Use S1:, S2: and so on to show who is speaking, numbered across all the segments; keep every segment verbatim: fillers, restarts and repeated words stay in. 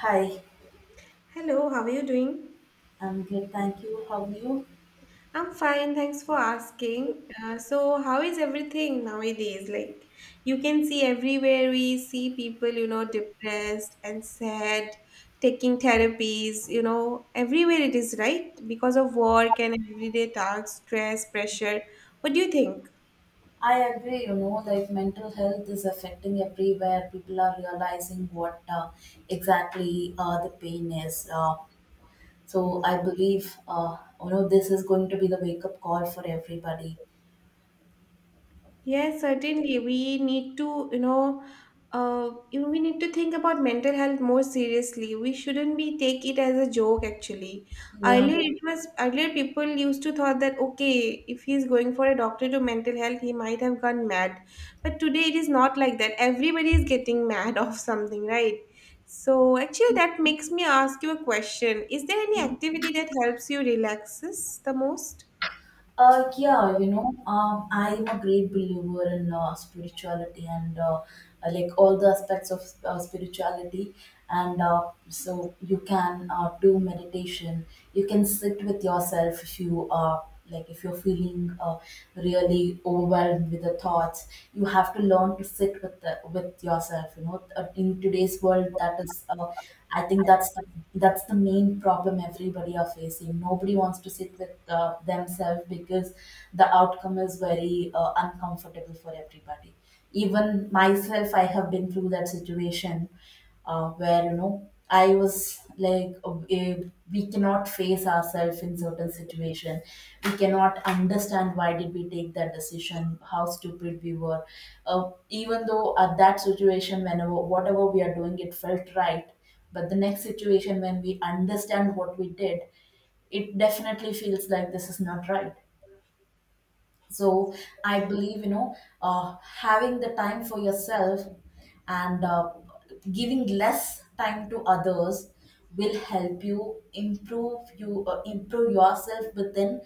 S1: Hi,
S2: Hello, how are you doing?
S1: I'm good, thank you. How are you?
S2: I'm fine, thanks for asking. Uh, so, how is everything nowadays? Like, you can see everywhere we see people, you know, depressed and sad, taking therapies, you know, everywhere it is, right? Because of work and everyday tasks, stress, pressure. What do you think?
S1: I agree, you know, like mental health is affecting everywhere. People are realizing what, uh, exactly, uh, the pain is. Uh, so I believe, uh, you know, this is going to be the wake up call for everybody.
S2: Yes, certainly. We need to, you know, uh, you know, we need to think about mental health more seriously. We shouldn't be take it as a joke. Actually,
S1: Yeah.
S2: earlier it was earlier people used to thought that okay, if he's going for a doctor to mental health, he might have gone mad. But today it is not like that. Everybody is getting mad of something, right? So actually, that makes me ask you a question. Is there any activity that helps you relaxes the most?
S1: Uh, yeah, you know, um, I am a great believer in uh, spirituality, and uh, uh, like all the aspects of uh, spirituality. And uh, so you can uh, do meditation. You can sit with yourself if you are like if you're feeling uh, really overwhelmed with the thoughts. You have to learn to sit with the, with yourself. You know, Uh, in today's world, that is, uh, I think that's the, that's the main problem everybody are facing. Nobody wants to sit with with uh, themselves, because the outcome is very uh, uncomfortable for everybody. Even myself, I have been through that situation uh, where, you know, I was like, uh, eh, we cannot face ourselves in certain situation. We cannot understand why did we take that decision, how stupid we were. Uh, even though at that situation, whenever whatever we are doing, it felt right. But the next situation, when we understand what we did, it definitely feels like this is not right. So I believe, you know uh, having the time for yourself, and uh, giving less time to others will help you improve you uh, improve yourself within,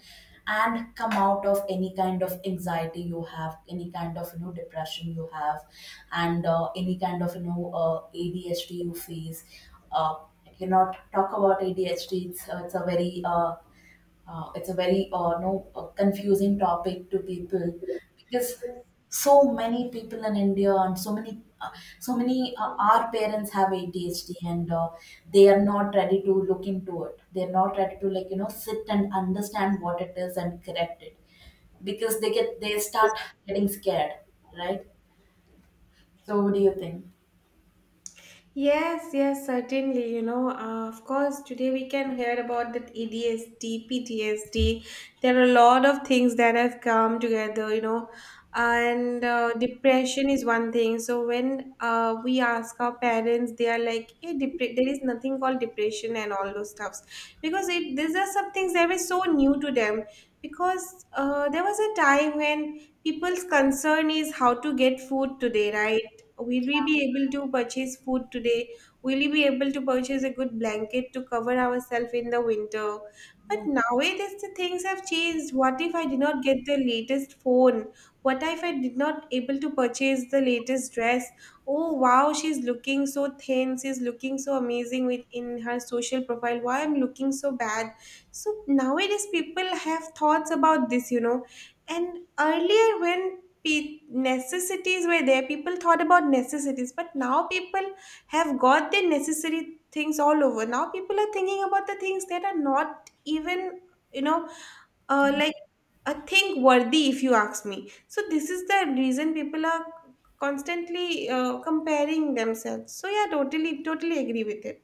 S1: and come out of any kind of anxiety you have, any kind of, you know, depression you have, and uh, any kind of, you know, uh, A D H D you face. uh, I cannot talk about A D H D. It's, uh, it's a very, uh, uh, it's a very, uh, no, uh, confusing topic to people, because so many people in India, and so many uh, so many uh, our parents have A D H D, and uh, they are not ready to look into it. They are not ready to, like you know sit and understand what it is and correct it, because they get they start getting scared, right? So what do you think?
S2: Yes, yes, certainly. You know, uh, of course, today we can hear about that A D S D, P T S D. There are a lot of things that have come together, you know, and uh, depression is one thing. So when uh, we ask our parents, they are like, hey, depre- there is nothing called depression and all those stuffs. Because it, these are some things that were so new to them. Because uh, there was a time when people's concern is how to get food today, right? Will we be able to purchase food today? Will we be able to purchase a good blanket to cover ourselves in the winter? But nowadays the things have changed. What if I did not get the latest phone? What if I did not able to purchase the latest dress? Oh wow, she's looking so thin. She's looking so amazing with in her social profile. Why I'm looking so bad? So nowadays people have thoughts about this, you know. And earlier when pe- necessities were there people thought about necessities, but now people have got their necessary things all over. Now people are thinking about the things that are not even, you know, uh, like a thing worthy if you ask me. So this is the reason people are constantly uh, comparing themselves. So yeah, totally totally agree with it.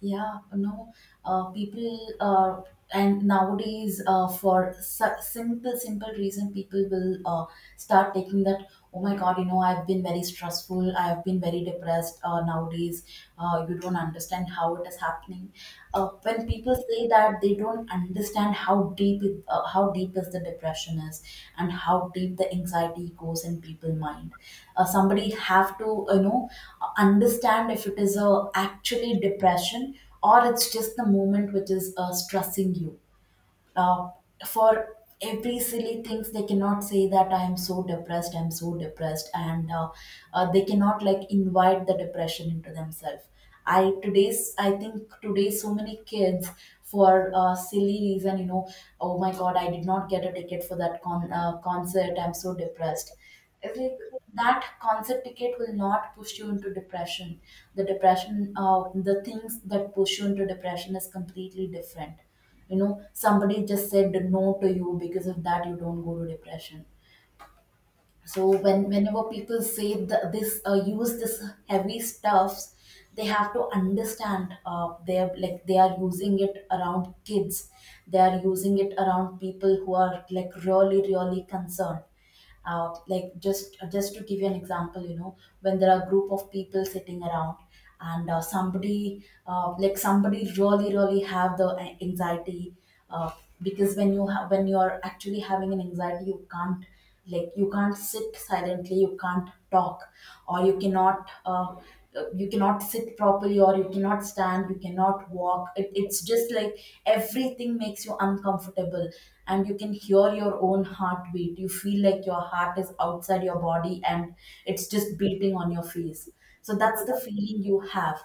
S1: Yeah, no, uh, people uh, and nowadays, uh, for su- simple, simple reason, people will uh, start taking that. Oh my God, you know, I've been very stressful. I've been very depressed uh, nowadays. Uh, you don't understand how it is happening. Uh, when when people say that, they don't understand how deep it, uh, how deep is the depression is, and how deep the anxiety goes in people's mind. Uh, somebody have to, you know understand if it is a actually depression, or it's just the moment which is uh, stressing you. uh, for every silly things, they cannot say that, I am so depressed, I'm so depressed, and uh, uh, they cannot, like, invite the depression into themselves. i today's I think today so many kids, for a silly reason, you know Oh my God, I did not get a ticket for that con- uh, concert, I'm so depressed. It's like, that concert ticket will not push you into depression. The depression uh, the things that push you into depression is completely different, you know. Somebody just said no to you, because of that you don't go to depression. So when whenever people say th- this uh, use this heavy stuffs, they have to understand, uh, they're like, they are using it around kids, they are using it around people who are, like, really really concerned. Uh, like, just just to give you an example, you know, when there are group of people sitting around, and uh, somebody uh, like somebody really really have the a- anxiety. uh, because when you have when you are actually having an anxiety, you can't, like, you can't sit silently, you can't talk, or you cannot, uh, you cannot sit properly, or you cannot stand, you cannot walk, it, it's just like everything makes you uncomfortable, and you can hear your own heartbeat, you feel like your heart is outside your body and it's just beating on your face. So that's the feeling you have,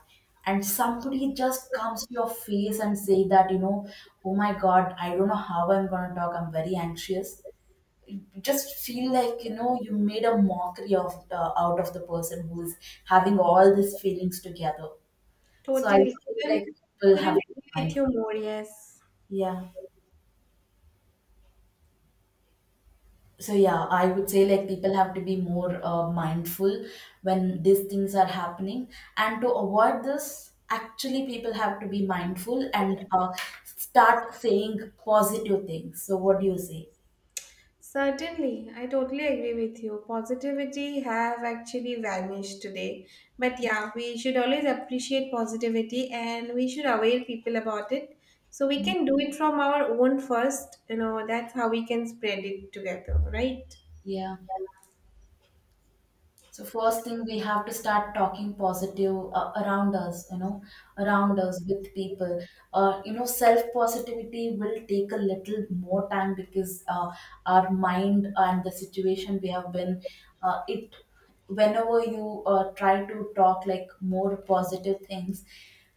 S1: and somebody just comes to your face and say that, you know, Oh my God, I don't know how I'm going to talk, I'm very anxious. Just feel like, you know, you made a mockery of uh, out of the person who is having all these feelings together. So I
S2: Totally.
S1: feel
S2: Couldn't,
S1: like people
S2: couldn't
S1: have to be
S2: agree with you
S1: mindful.
S2: more. Yes.
S1: Yeah. So, yeah, I would say, like, people have to be more uh, mindful when these things are happening, and to avoid this, actually people have to be mindful and uh, start saying positive things. So what do you say?
S2: Certainly, I totally agree with you. Positivity have actually vanished today. But yeah, we should always appreciate positivity and we should aware people about it. So we can do it from our own first, you know, that's how we can spread it together, right?
S1: Yeah. So first thing, we have to start talking positive, uh, around us, you know, around us with people. Uh, you know, self positivity will take a little more time, because uh, our mind and the situation we have been, uh, it whenever you uh, try to talk, like, more positive things.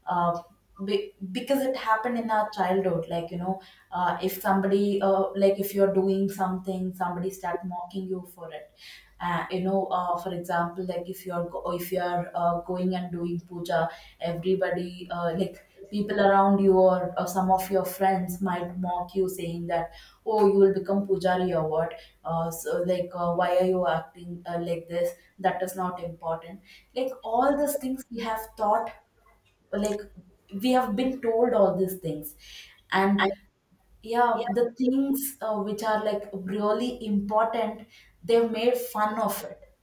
S1: uh, be, because it happened in our childhood, like, you know, uh, if somebody uh, like if you're doing something, somebody start mocking you for it. Uh, you know uh, for example, like if you're go- if you're uh, going and doing puja, everybody uh, like people around you, or, or some of your friends might mock you, saying that, Oh, you will become pujari or what. Uh, so like, uh, why are you acting, uh, like this, that is not important. Like, all these things we have thought, like, we have been told all these things. And, yeah, the things, uh, which are, like, really important, they've made fun of it,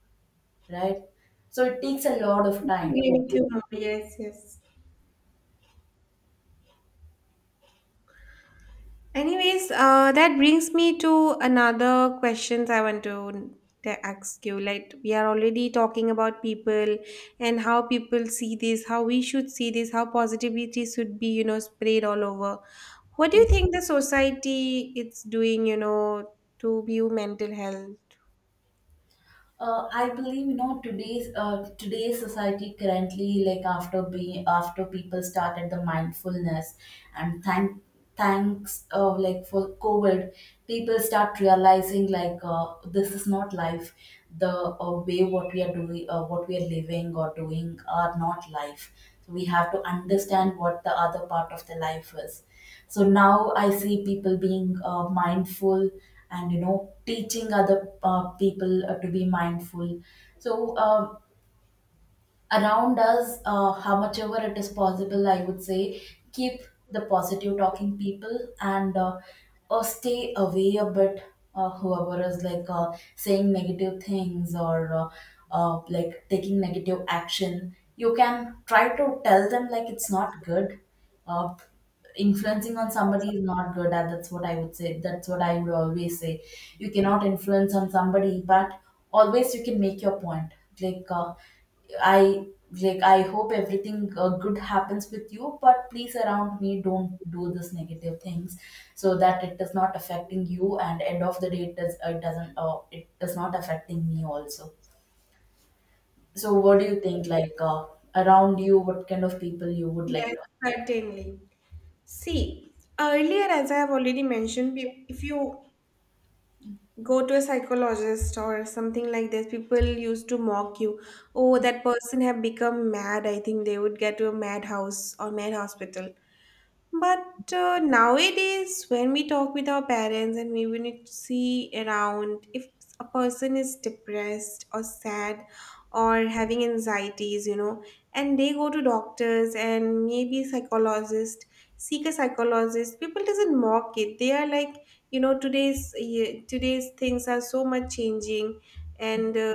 S1: right? So it takes a lot of
S2: I
S1: time.
S2: agree with you. Yes, yes. Anyways, uh, that brings me to another questions I want to, to ask you. Like we are already talking about people and how people see this, how we should see this, how positivity should be, you know, spread all over. What do you think the society is doing, you know, to view mental health?
S1: Uh, I believe, you know, today's uh, today's society currently, like, after being after people started the mindfulness. And thank thanks uh, like, for COVID, people start realizing, like, uh, this is not life. The uh, way, what we are doing, uh, what we are living or doing, are not life. So we have to understand what the other part of the life is. So now I see people being uh, mindful, and, you know, teaching other uh, people uh, to be mindful. So um, around us, uh, how much ever it is possible, I would say, keep the positive talking people, and uh, uh, stay away a bit. Uh, whoever is, like, uh, saying negative things, or uh, uh, like taking negative action, you can try to tell them, like, it's not good. Uh, Influencing on somebody is not good, and that's what I would say, that's what I would always say. You cannot influence on somebody, but always you can make your point. Like, uh, I like I hope everything uh, good happens with you, but please around me don't do this negative things, so that it is not affecting you, and end of the day, it does it doesn't, uh, it is not affecting me also. So what do you think, like, uh, around you, what kind of people you would like
S2: Yes,
S1: to.
S2: certainly. See, earlier, as I have already mentioned, pe- if you go to a psychologist or something like this people used to mock you. Oh, that person have become mad. I think they would get to a madhouse or mad hospital. But uh, nowadays, when we talk with our parents and we when we see around, if a person is depressed or sad or having anxieties, you know, and they go to doctors and maybe psychologist, seek a psychologist, people doesn't mock it. They are like, you know, today's yeah, today's things are so much changing, and uh,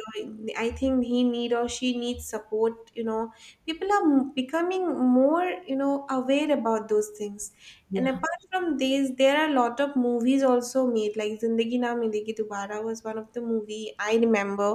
S2: I think he need or she needs support, you know, people are m- becoming more, you know, aware about those things. And
S1: Yeah.
S2: apart from these there are a lot of movies also made, like Zindagi Na Milegi Dobara was one of the movie I remember.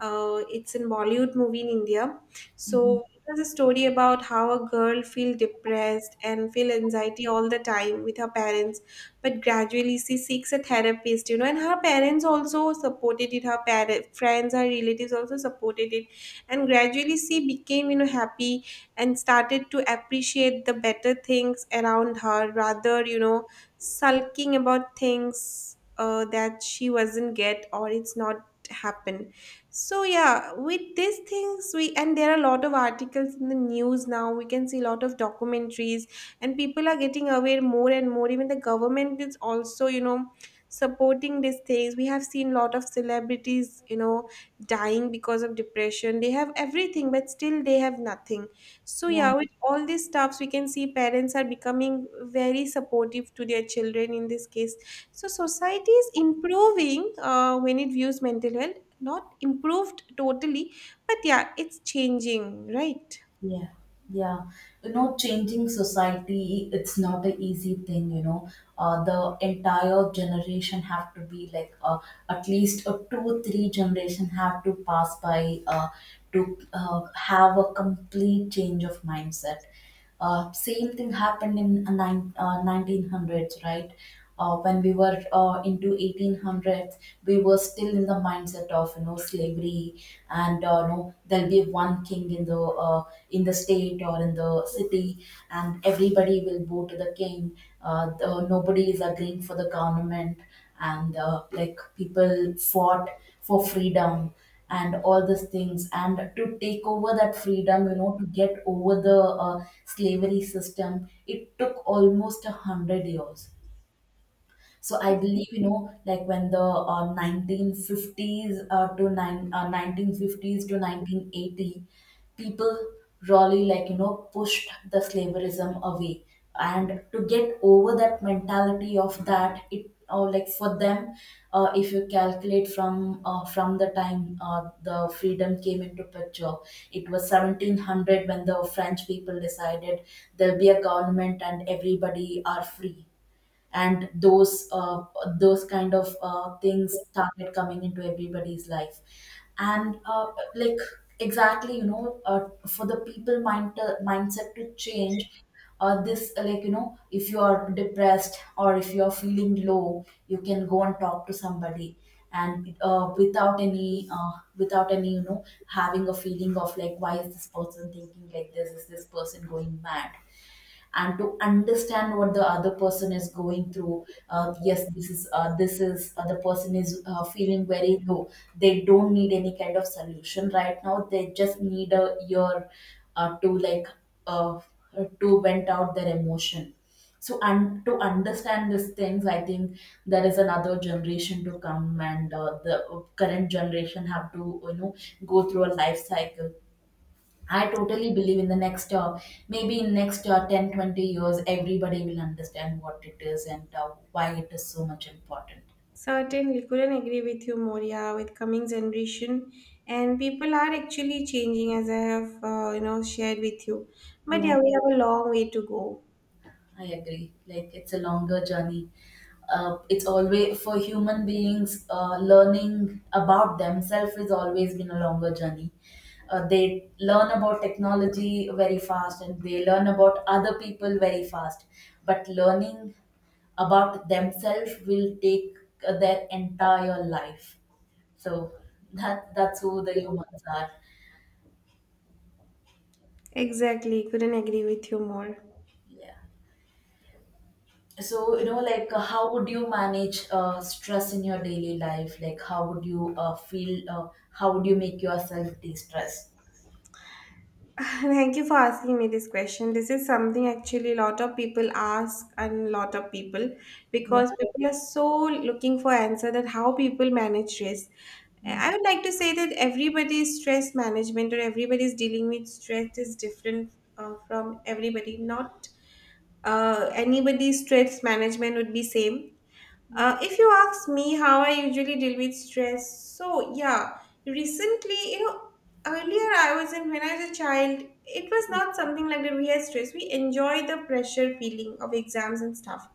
S2: uh, It's in Bollywood movie in India.
S1: Mhm.
S2: So it was a story about how a girl feel depressed and feel anxiety all the time with her parents, but gradually she seeks a therapist, you know, and her parents also supported it. Her parents, friends, her relatives also supported it, and gradually she became, you know, happy, and started to appreciate the better things around her rather, you know, sulking about things uh, that she wasn't get or it's not happen. So yeah, with these things we, and there are a lot of articles in the news now. We can see a lot of documentaries and people are getting aware more and more. Even the government is also, you know, supporting these things. We have seen a lot of celebrities, you know, dying because of depression. They have everything, but still they have nothing. So
S1: Yeah.
S2: yeah, with all these stuffs we can see parents are becoming very supportive to their children in this case. So society is improving uh, when it views mental health, not improved totally, but yeah, it's changing, right?
S1: Yeah, yeah. You know, changing society, it's not an easy thing, you know. Uh, the entire generation have to be, like, uh, at least a two, three generation have to pass by, uh, to uh, have a complete change of mindset. Uh, same thing happened in uh, nine, uh, nineteen hundreds, right? Uh, when we were uh, into eighteen hundreds, we were still in the mindset of, you know, slavery, and uh, no, there'll be one king in the uh, in the state or in the city, and everybody will bow to the king. Uh, the, nobody is agreeing for the government, and uh, like people fought for freedom and all these things, and to take over that freedom, you know, to get over the uh, slavery system, it took almost a hundred years. So I believe, you know, like when the uh, nineteen fifties, uh, to nine, uh, nineteen fifties to nineteen eighty, people really, like, you know, pushed the slaverism away. And to get over that mentality of that, it or like for them, uh, if you calculate from uh, from the time uh, the freedom came into picture, it was seventeen hundred when the French people decided there'll be a government and everybody are free and those uh, those kind of uh, things started coming into everybody's life and uh, like exactly, you know, uh, for the people mind uh, mindset to change. uh, this uh, Like, you know, if you are depressed or if you are feeling low, you can go and talk to somebody, and uh, without any uh, without any, you know, having a feeling of like, why is this person thinking like this, is this person going mad? And to understand what the other person is going through, uh, yes, this is uh, this is uh, the person is uh, feeling very low, they don't need any kind of solution right now, they just need a ear uh, to like uh, to vent out their emotion. So, and to understand these things, I think there is another generation to come, and uh, the current generation have to, you know, go through a life cycle. I totally believe in the next, uh, maybe in next uh, ten, twenty years, everybody will understand what it is and uh, why it is so much important.
S2: Certainly, couldn't agree with you more. Yeah, with coming generation, and people are actually changing, as I have, uh, you know, shared with you. But yeah, we have a long way to go.
S1: I agree. Like, it's a longer journey. Uh, it's always for human beings. Uh, learning about themselves has always been a longer journey. Uh, they learn about technology very fast, and they learn about other people very fast. But learning about themselves will take uh, their entire life. So that that's who the humans are.
S2: Exactly, couldn't agree with you more.
S1: Yeah. So, you know, like, uh, how would you manage uh, stress in your daily life? Like, how would you uh, feel? Uh, how would you make yourself de-stress?
S2: Thank you for asking me this question. This is something actually a lot of people ask, and a lot of people
S1: Yeah,
S2: because people are so looking for answer that how people manage stress.
S1: yeah,
S2: I would like to say that everybody's stress management or everybody's dealing with stress is different uh, from everybody. Not uh, anybody's stress management would be same.
S1: yeah,
S2: Uh, if you ask me how I usually deal with stress, so yeah, recently, you know, earlier I was in when I was a child, it was not something like that. We had stress, we enjoy the pressure feeling of exams and stuff,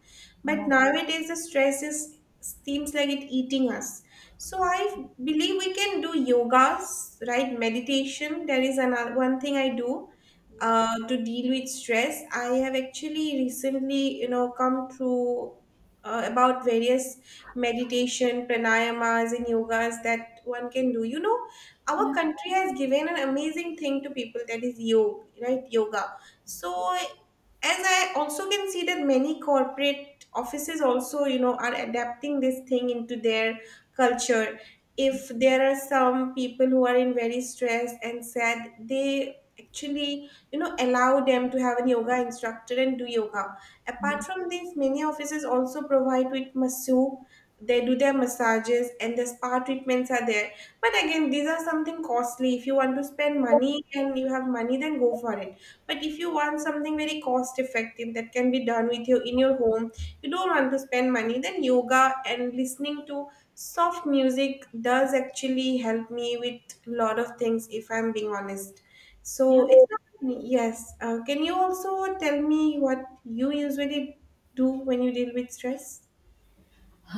S2: but
S1: yeah,
S2: nowadays the stress is seems like it eating us. So I believe we can do yogas, right? Meditation. There is another one thing I do uh, to deal with stress. I have actually recently, you know, come through uh, about various meditation, pranayamas, and yogas that one can do. You know, our
S1: yeah,
S2: country has given an amazing thing to people, that is yoga, right? Yoga. So,
S1: yeah,
S2: as I also can see that many corporate offices also, you know, are adapting this thing into their culture. If there are some people who are in very stressed and sad, they actually, you know, allow them to have a yoga instructor and do yoga. Apart
S1: yeah.
S2: from this, many offices also provide with masseuse. They do their massages and the spa treatments are there. But again, these are something costly. If you want to spend money and you have money, then go for it point. But if you want something very cost effective that can be done with you in your home, you don't want to spend money, then yoga and listening to soft music does actually help me with a lot of things if I'm being honest. So it's not yes. Uh, can you also tell me what you usually do when you deal with stress?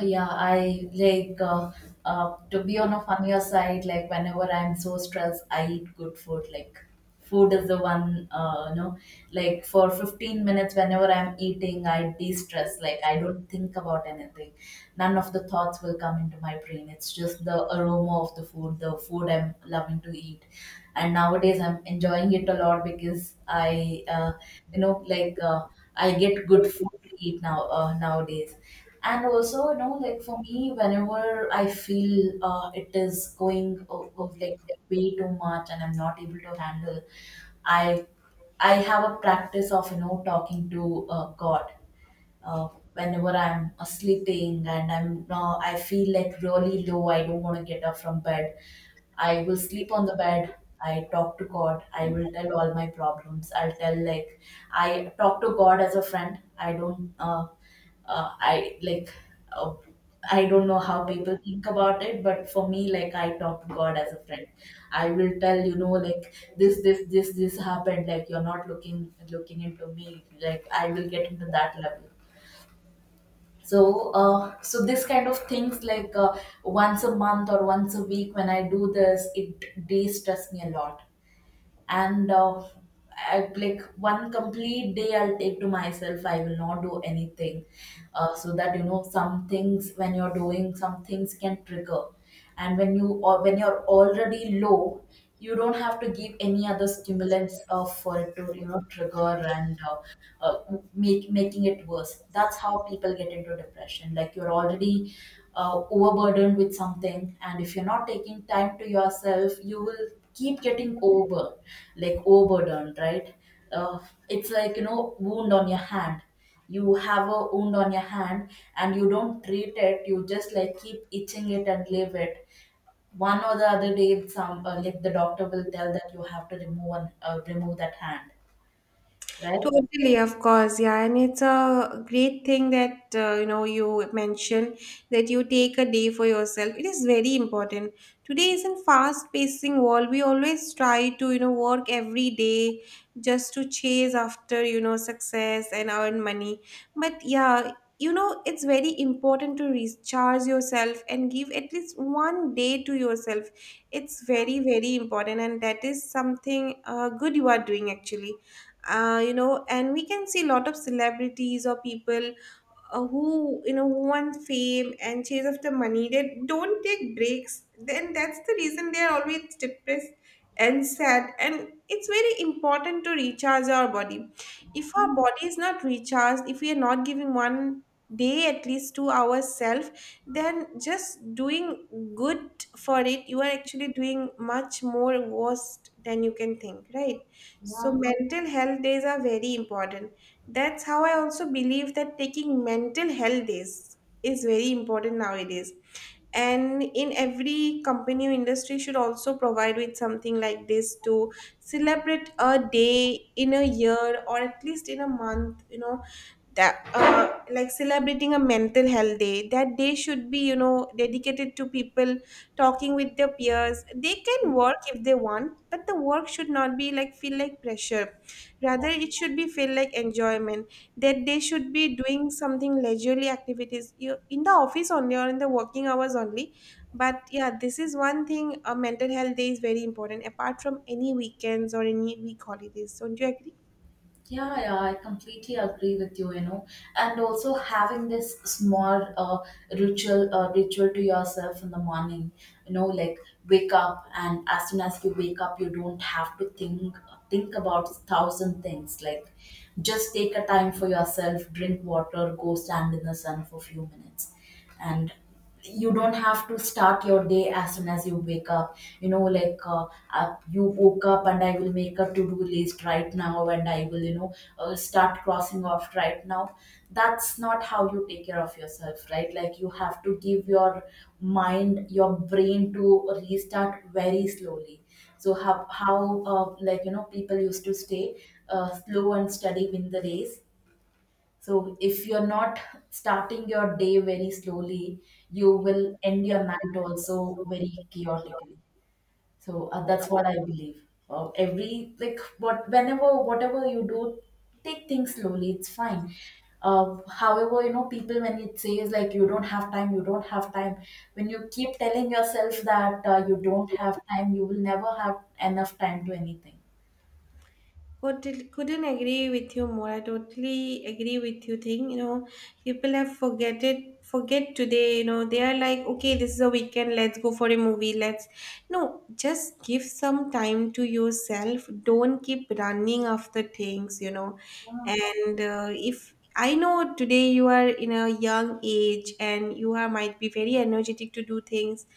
S1: Yeah, I like uh, uh, to be on a funnier side. Like, whenever I'm so stressed, I eat good food. Like, food is the one, uh, you know, like for fifteen minutes. Whenever I'm eating, I de-stress. Like, I don't think about anything. None of the thoughts will come into my brain. It's just the aroma of the food, the food I'm loving to eat. And nowadays, I'm enjoying it a lot because I, uh, you know, like uh, I get good food to eat now uh, nowadays. And also, you know, like for me, whenever I feel uh, it is going o- o- like way too much and I'm not able to handle, i I have a practice of, you know, talking to uh, God. uh, Whenever I'm uh, sleeping and I'm now I feel like really low, I don't want to get up from bed. I will sleep on the bed. I talk to God. I will tell all my problems. I'll tell, like, I talk to God as a friend. I don't. Uh, uh, I like. Uh, I don't know how people think about it, but for me, like, I talk to God as a friend. I will tell, you know, like, this, this, this, this happened. Like, you're not looking looking into me. Like, I will get into that level. So, uh, so this kind of things, like uh, once a month or once a week when I do this, it de-stress me a lot. And uh, I, like, one complete day I'll take to myself, I will not do anything, uh, so that, you know, some things when you're doing some things can trigger, and when you or when you're already low, you don't have to give any other stimulants uh, for it to, you know, trigger and uh, uh, make, making it worse. That's how people get into depression. Like, you're already uh, overburdened with something, and if you're not taking time to yourself, you will keep getting over, like, overburdened, right? Uh, it's like, you know, wound on your hand. You have a wound on your hand, and you don't treat it. You just, like, keep itching it and leave it. One or the other day, some uh, like, the doctor will tell that you have to remove one, uh, remove that hand, right?
S2: Totally, of course, yeah, and it's a great thing that, uh, you know, you mentioned that you take a day for yourself. It is very important. Today is in fast-pacing world. We always try to, you know, work every day just to chase after, you know, success and earn money. But yeah, you know, it's very important to recharge yourself and give at least one day to yourself. It's very very important, and that is something uh, good you are doing actually, uh, you know, and we can see a lot of celebrities or people, uh, who, you know, who want fame and chase after money, they don't take breaks. Then that's the reason they are always depressed and sad, and it's very important to recharge our body. If our body is not recharged, if we are not giving one day at least to ourselves, then just doing good for it you are actually doing much more worse than you can think, right? So,
S1: Yeah.
S2: mental health days are very important. That's how I also believe that taking mental health days is very important nowadays. And in every company or industry should also provide with something like this to celebrate a day in a year or at least in a month, you know, that, uh, like, celebrating a mental health day, that day should be, you know, dedicated to people talking with their peers. They can work if they want, but the work should not be like feel like pressure, rather it should be feel like enjoyment, that they should be doing something leisurely activities, you, in the office only or in the working hours only. But yeah, this is one thing, a mental health day is very important apart from any weekends or any week holidays, don't you agree?
S1: Yeah, yeah, I completely agree with you, you know. And also having this small uh, ritual uh, ritual to yourself in the morning, you know, like, wake up, and as soon as you wake up, you don't have to think think about thousand things. Like, just take a time for yourself, drink water, go stand in the sun for few minutes. And you don't have to start your day as soon as you wake up, you know, like uh, uh, you woke up and I will make a to-do list right now, and I will, you know, uh, start crossing off right now. That's not how you take care of yourself, right? Like, you have to give your mind, your brain, to restart very slowly. So, how how uh, like, you know, people used to stay, uh, slow and steady win the race. So, if you're not starting your day very slowly, you will end your night also very chaotically. So, uh, that's what I believe. Uh, every like what whenever Whatever you do, take things slowly. It's fine. Uh, however, you know, people when it says like, you don't have time, you don't have time. When you keep telling yourself that uh, you don't have time, you will never have enough time to anything.
S2: Could couldn't agree with you more. I totally agree with you. Thing, you know, people have forget it, forget today. You know, they are like, okay, this is a weekend. Let's go for a movie. Let's no, just give some time to yourself. Don't keep running after things. You know, and uh, if I know today you are in a young age and you are might be very energetic to do things,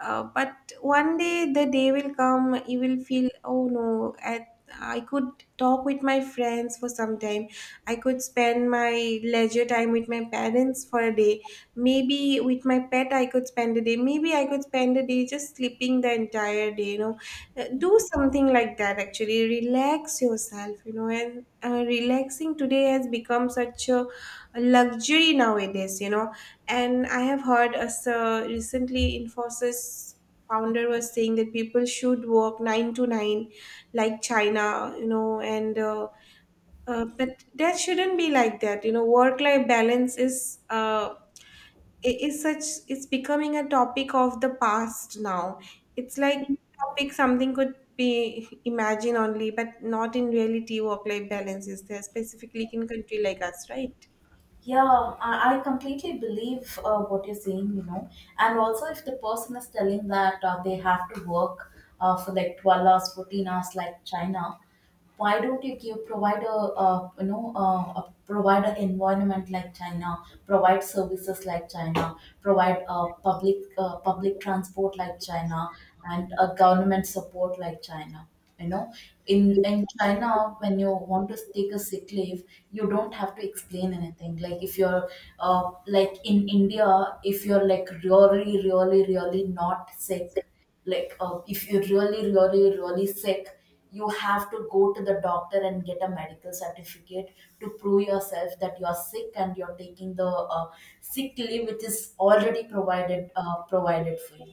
S2: uh, but one day the day will come you will feel oh no at I could talk with my friends for some time. I could spend my leisure time with my parents for a day. Maybe with my pet, I could spend a day. Maybe I could spend a day just sleeping the entire day. You know, Uh, do something like that. Actually, relax yourself. You know, and uh, Relaxing today has become such a luxury nowadays. You know, and I have heard as uh, recently Infosys founder was saying that people should work nine to nine like China, you know, and uh, uh, but that shouldn't be like that. You know, work-life balance is uh, i- is such it's becoming a topic of the past now. It's like topic something could be imagined only, but not in reality. Work-life balance is there specifically in country like us, right?
S1: Yeah, I, I completely believe uh, what you're saying, you know. And also, if the person is telling that uh, they have to work uh, for like twelve hours, fourteen hours, like China, why don't you give provide a uh, you know uh, a provide an environment like China, provide services like China, provide uh, public uh, public transport like China, and uh, government support like China. You know, in in China, when you want to take a sick leave, you don't have to explain anything. Like, if you're uh, like in India, if you're like really, really, really not sick, like uh, if you're really, really, really sick, you have to go to the doctor and get a medical certificate to prove yourself that you're sick and you're taking the uh, sick leave, which is already provided uh, provided for you.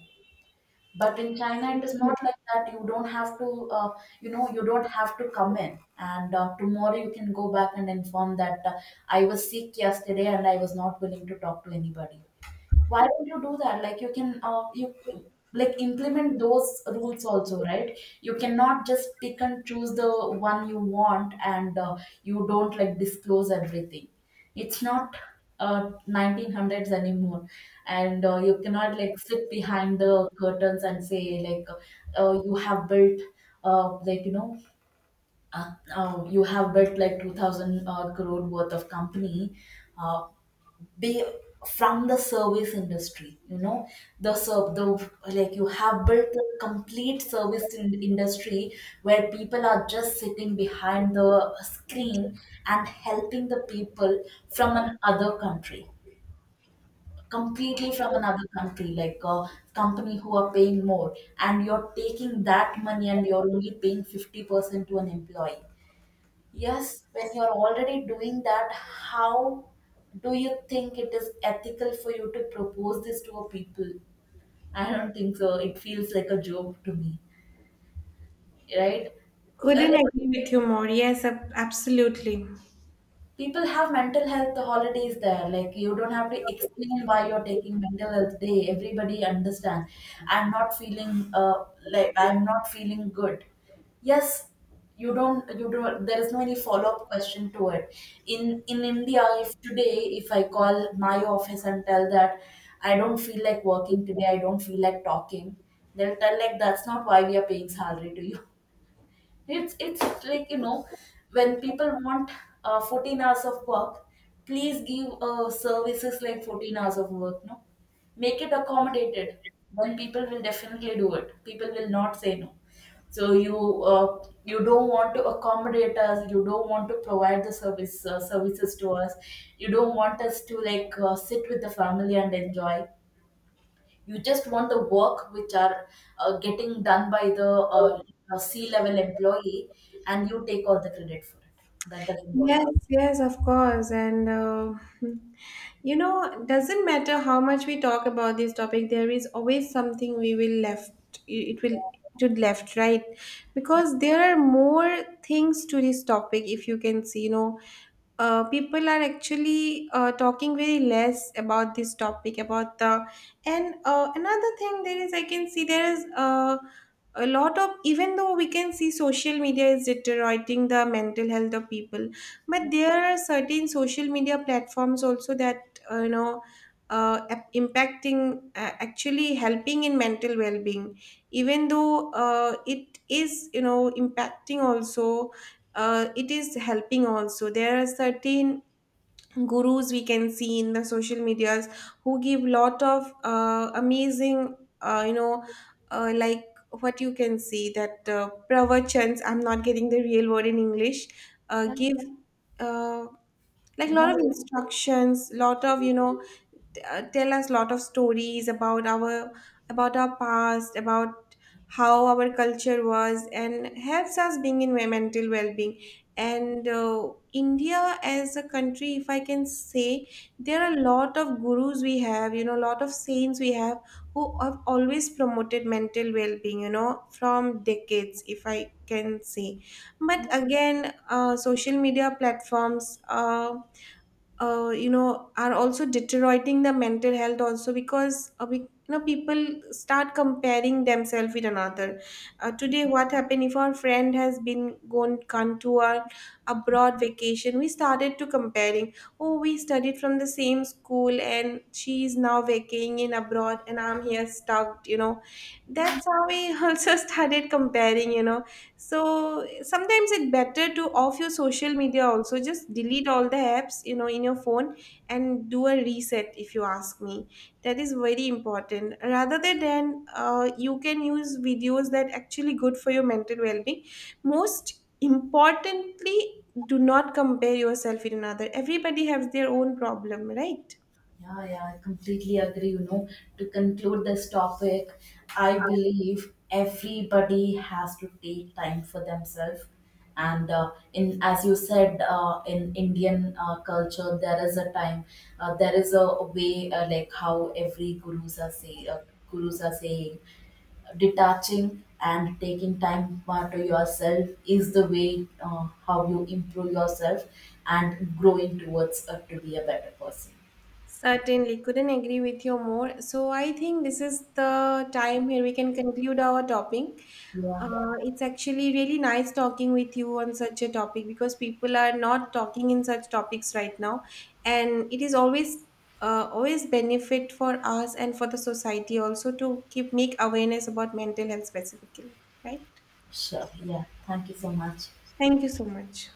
S1: But in China, it is not like that. You don't have to uh, you know, you don't have to come in, and uh, tomorrow you can go back and inform that uh, I was sick yesterday, and I was not willing to talk to anybody. Why don't you do that? Like, you can, uh, you like, implement those rules also, right? You cannot just pick and choose the one you want, and uh, you don't like disclose everything. It's not uh nineteen hundreds anymore, and uh, you cannot like sit behind the curtains and say like, uh, you have built uh like you know uh, uh, you have built like two thousand uh, crore worth of company. Uh, be from the service industry, you know, the serv- the like you have built the complete service in- industry where people are just sitting behind the screen and helping the people from another country, completely from another country, like a company who are paying more, and you're taking that money, and you're only paying fifty percent to an employee. Yes, when you're already doing that, how do you think it is ethical for you to propose this to a people? I don't think so. It feels like a joke to me, right? Uh,
S2: Couldn't agree with you more. Yes, ab- absolutely.
S1: people have mental health holidays there. Like, you don't have to explain why you're taking mental health day, everybody understand. I'm not feeling uh, like, I'm not feeling good. Yes, you don't you don't, there is no any follow up question to it. In in India, if today if I call my office and tell that I don't feel like working today, I don't feel like talking, they'll tell like, that's not why we are paying salary to you. It's it's like, you know, when people want uh, fourteen hours of work, please give uh, services like fourteen hours of work. No, make it accommodated. Then people will definitely do it. People will not say no. So, you uh, you don't want to accommodate us. You don't want to provide the service uh, services to us. You don't want us to like uh, sit with the family and enjoy, you just want the work which are uh, getting done by the uh, uh, c level employee, and you take all the credit for it. That doesn't work
S2: Yes,
S1: out,
S2: yes, of course. And uh, you know, doesn't matter how much we talk about this topic, there is always something we will left. It will to left, right? Because there are more things to this topic. If you can see, you know, uh, people are actually uh, talking very less about this topic about the and uh, another thing there is I can see there is uh, a lot of even though we can see social media is deteriorating the mental health of people, but there are certain social media platforms also that uh, you know uh, ap- impacting uh, actually helping in mental well-being, even though uh, it is, you know, impacting also. Uh, it is helping also. There are certain gurus we can see in the social medias who give lot of uh, amazing uh, you know uh, like what you can see that uh, pravachans, I'm not getting the real word in English, uh, give uh, like
S1: you
S2: lot
S1: know.
S2: of instructions lot of you know uh, tell us lot of stories about our about our past about how our culture was and helps us being in mental well-being, and uh, India as a country if I can say there are a lot of gurus we have, you know, a lot of saints we have who have always promoted mental well-being, you know, from decades if I can say. But again, uh, social media platforms, uh, uh, you know, are also deteriorating the mental health also because uh, we, you know, people start comparing themselves with another. Uh, today what happened if our friend has been gone gone to a abroad vacation, we started to comparing, oh, we studied from the same school and she is now vacating in abroad and I'm here stuck, you know, that's how we also started comparing, you know. So sometimes it's better to off your social media also, just delete all the apps, you know, in your phone, and do a reset if you ask me. That is very important rather than then, uh, you can use videos that actually good for your mental well-being. Most importantly, do not compare yourself with another. Everybody has their own problem, right?
S1: Yeah, yeah, I completely agree. You know, to conclude this topic, I believe everybody has to take time for themselves. And uh, in, as you said, uh, in Indian uh, culture, there is a time, uh, there is a, a way, uh, like, how every gurus are say, uh, gurus are saying, detaching and taking time for to yourself is the way uh, how you improve yourself and growing towards uh, to be a better person.
S2: Certainly, couldn't agree with you more. So I think this is the time where we can conclude our topic.
S1: Yeah,
S2: Uh, it's actually really nice talking with you on such a topic because people are not talking in such topics right now, and it is always uh, always benefit for us and for the society also to keep make awareness about mental health specifically, right?
S1: sure. Yeah. Thank you so much.
S2: Thank you so much.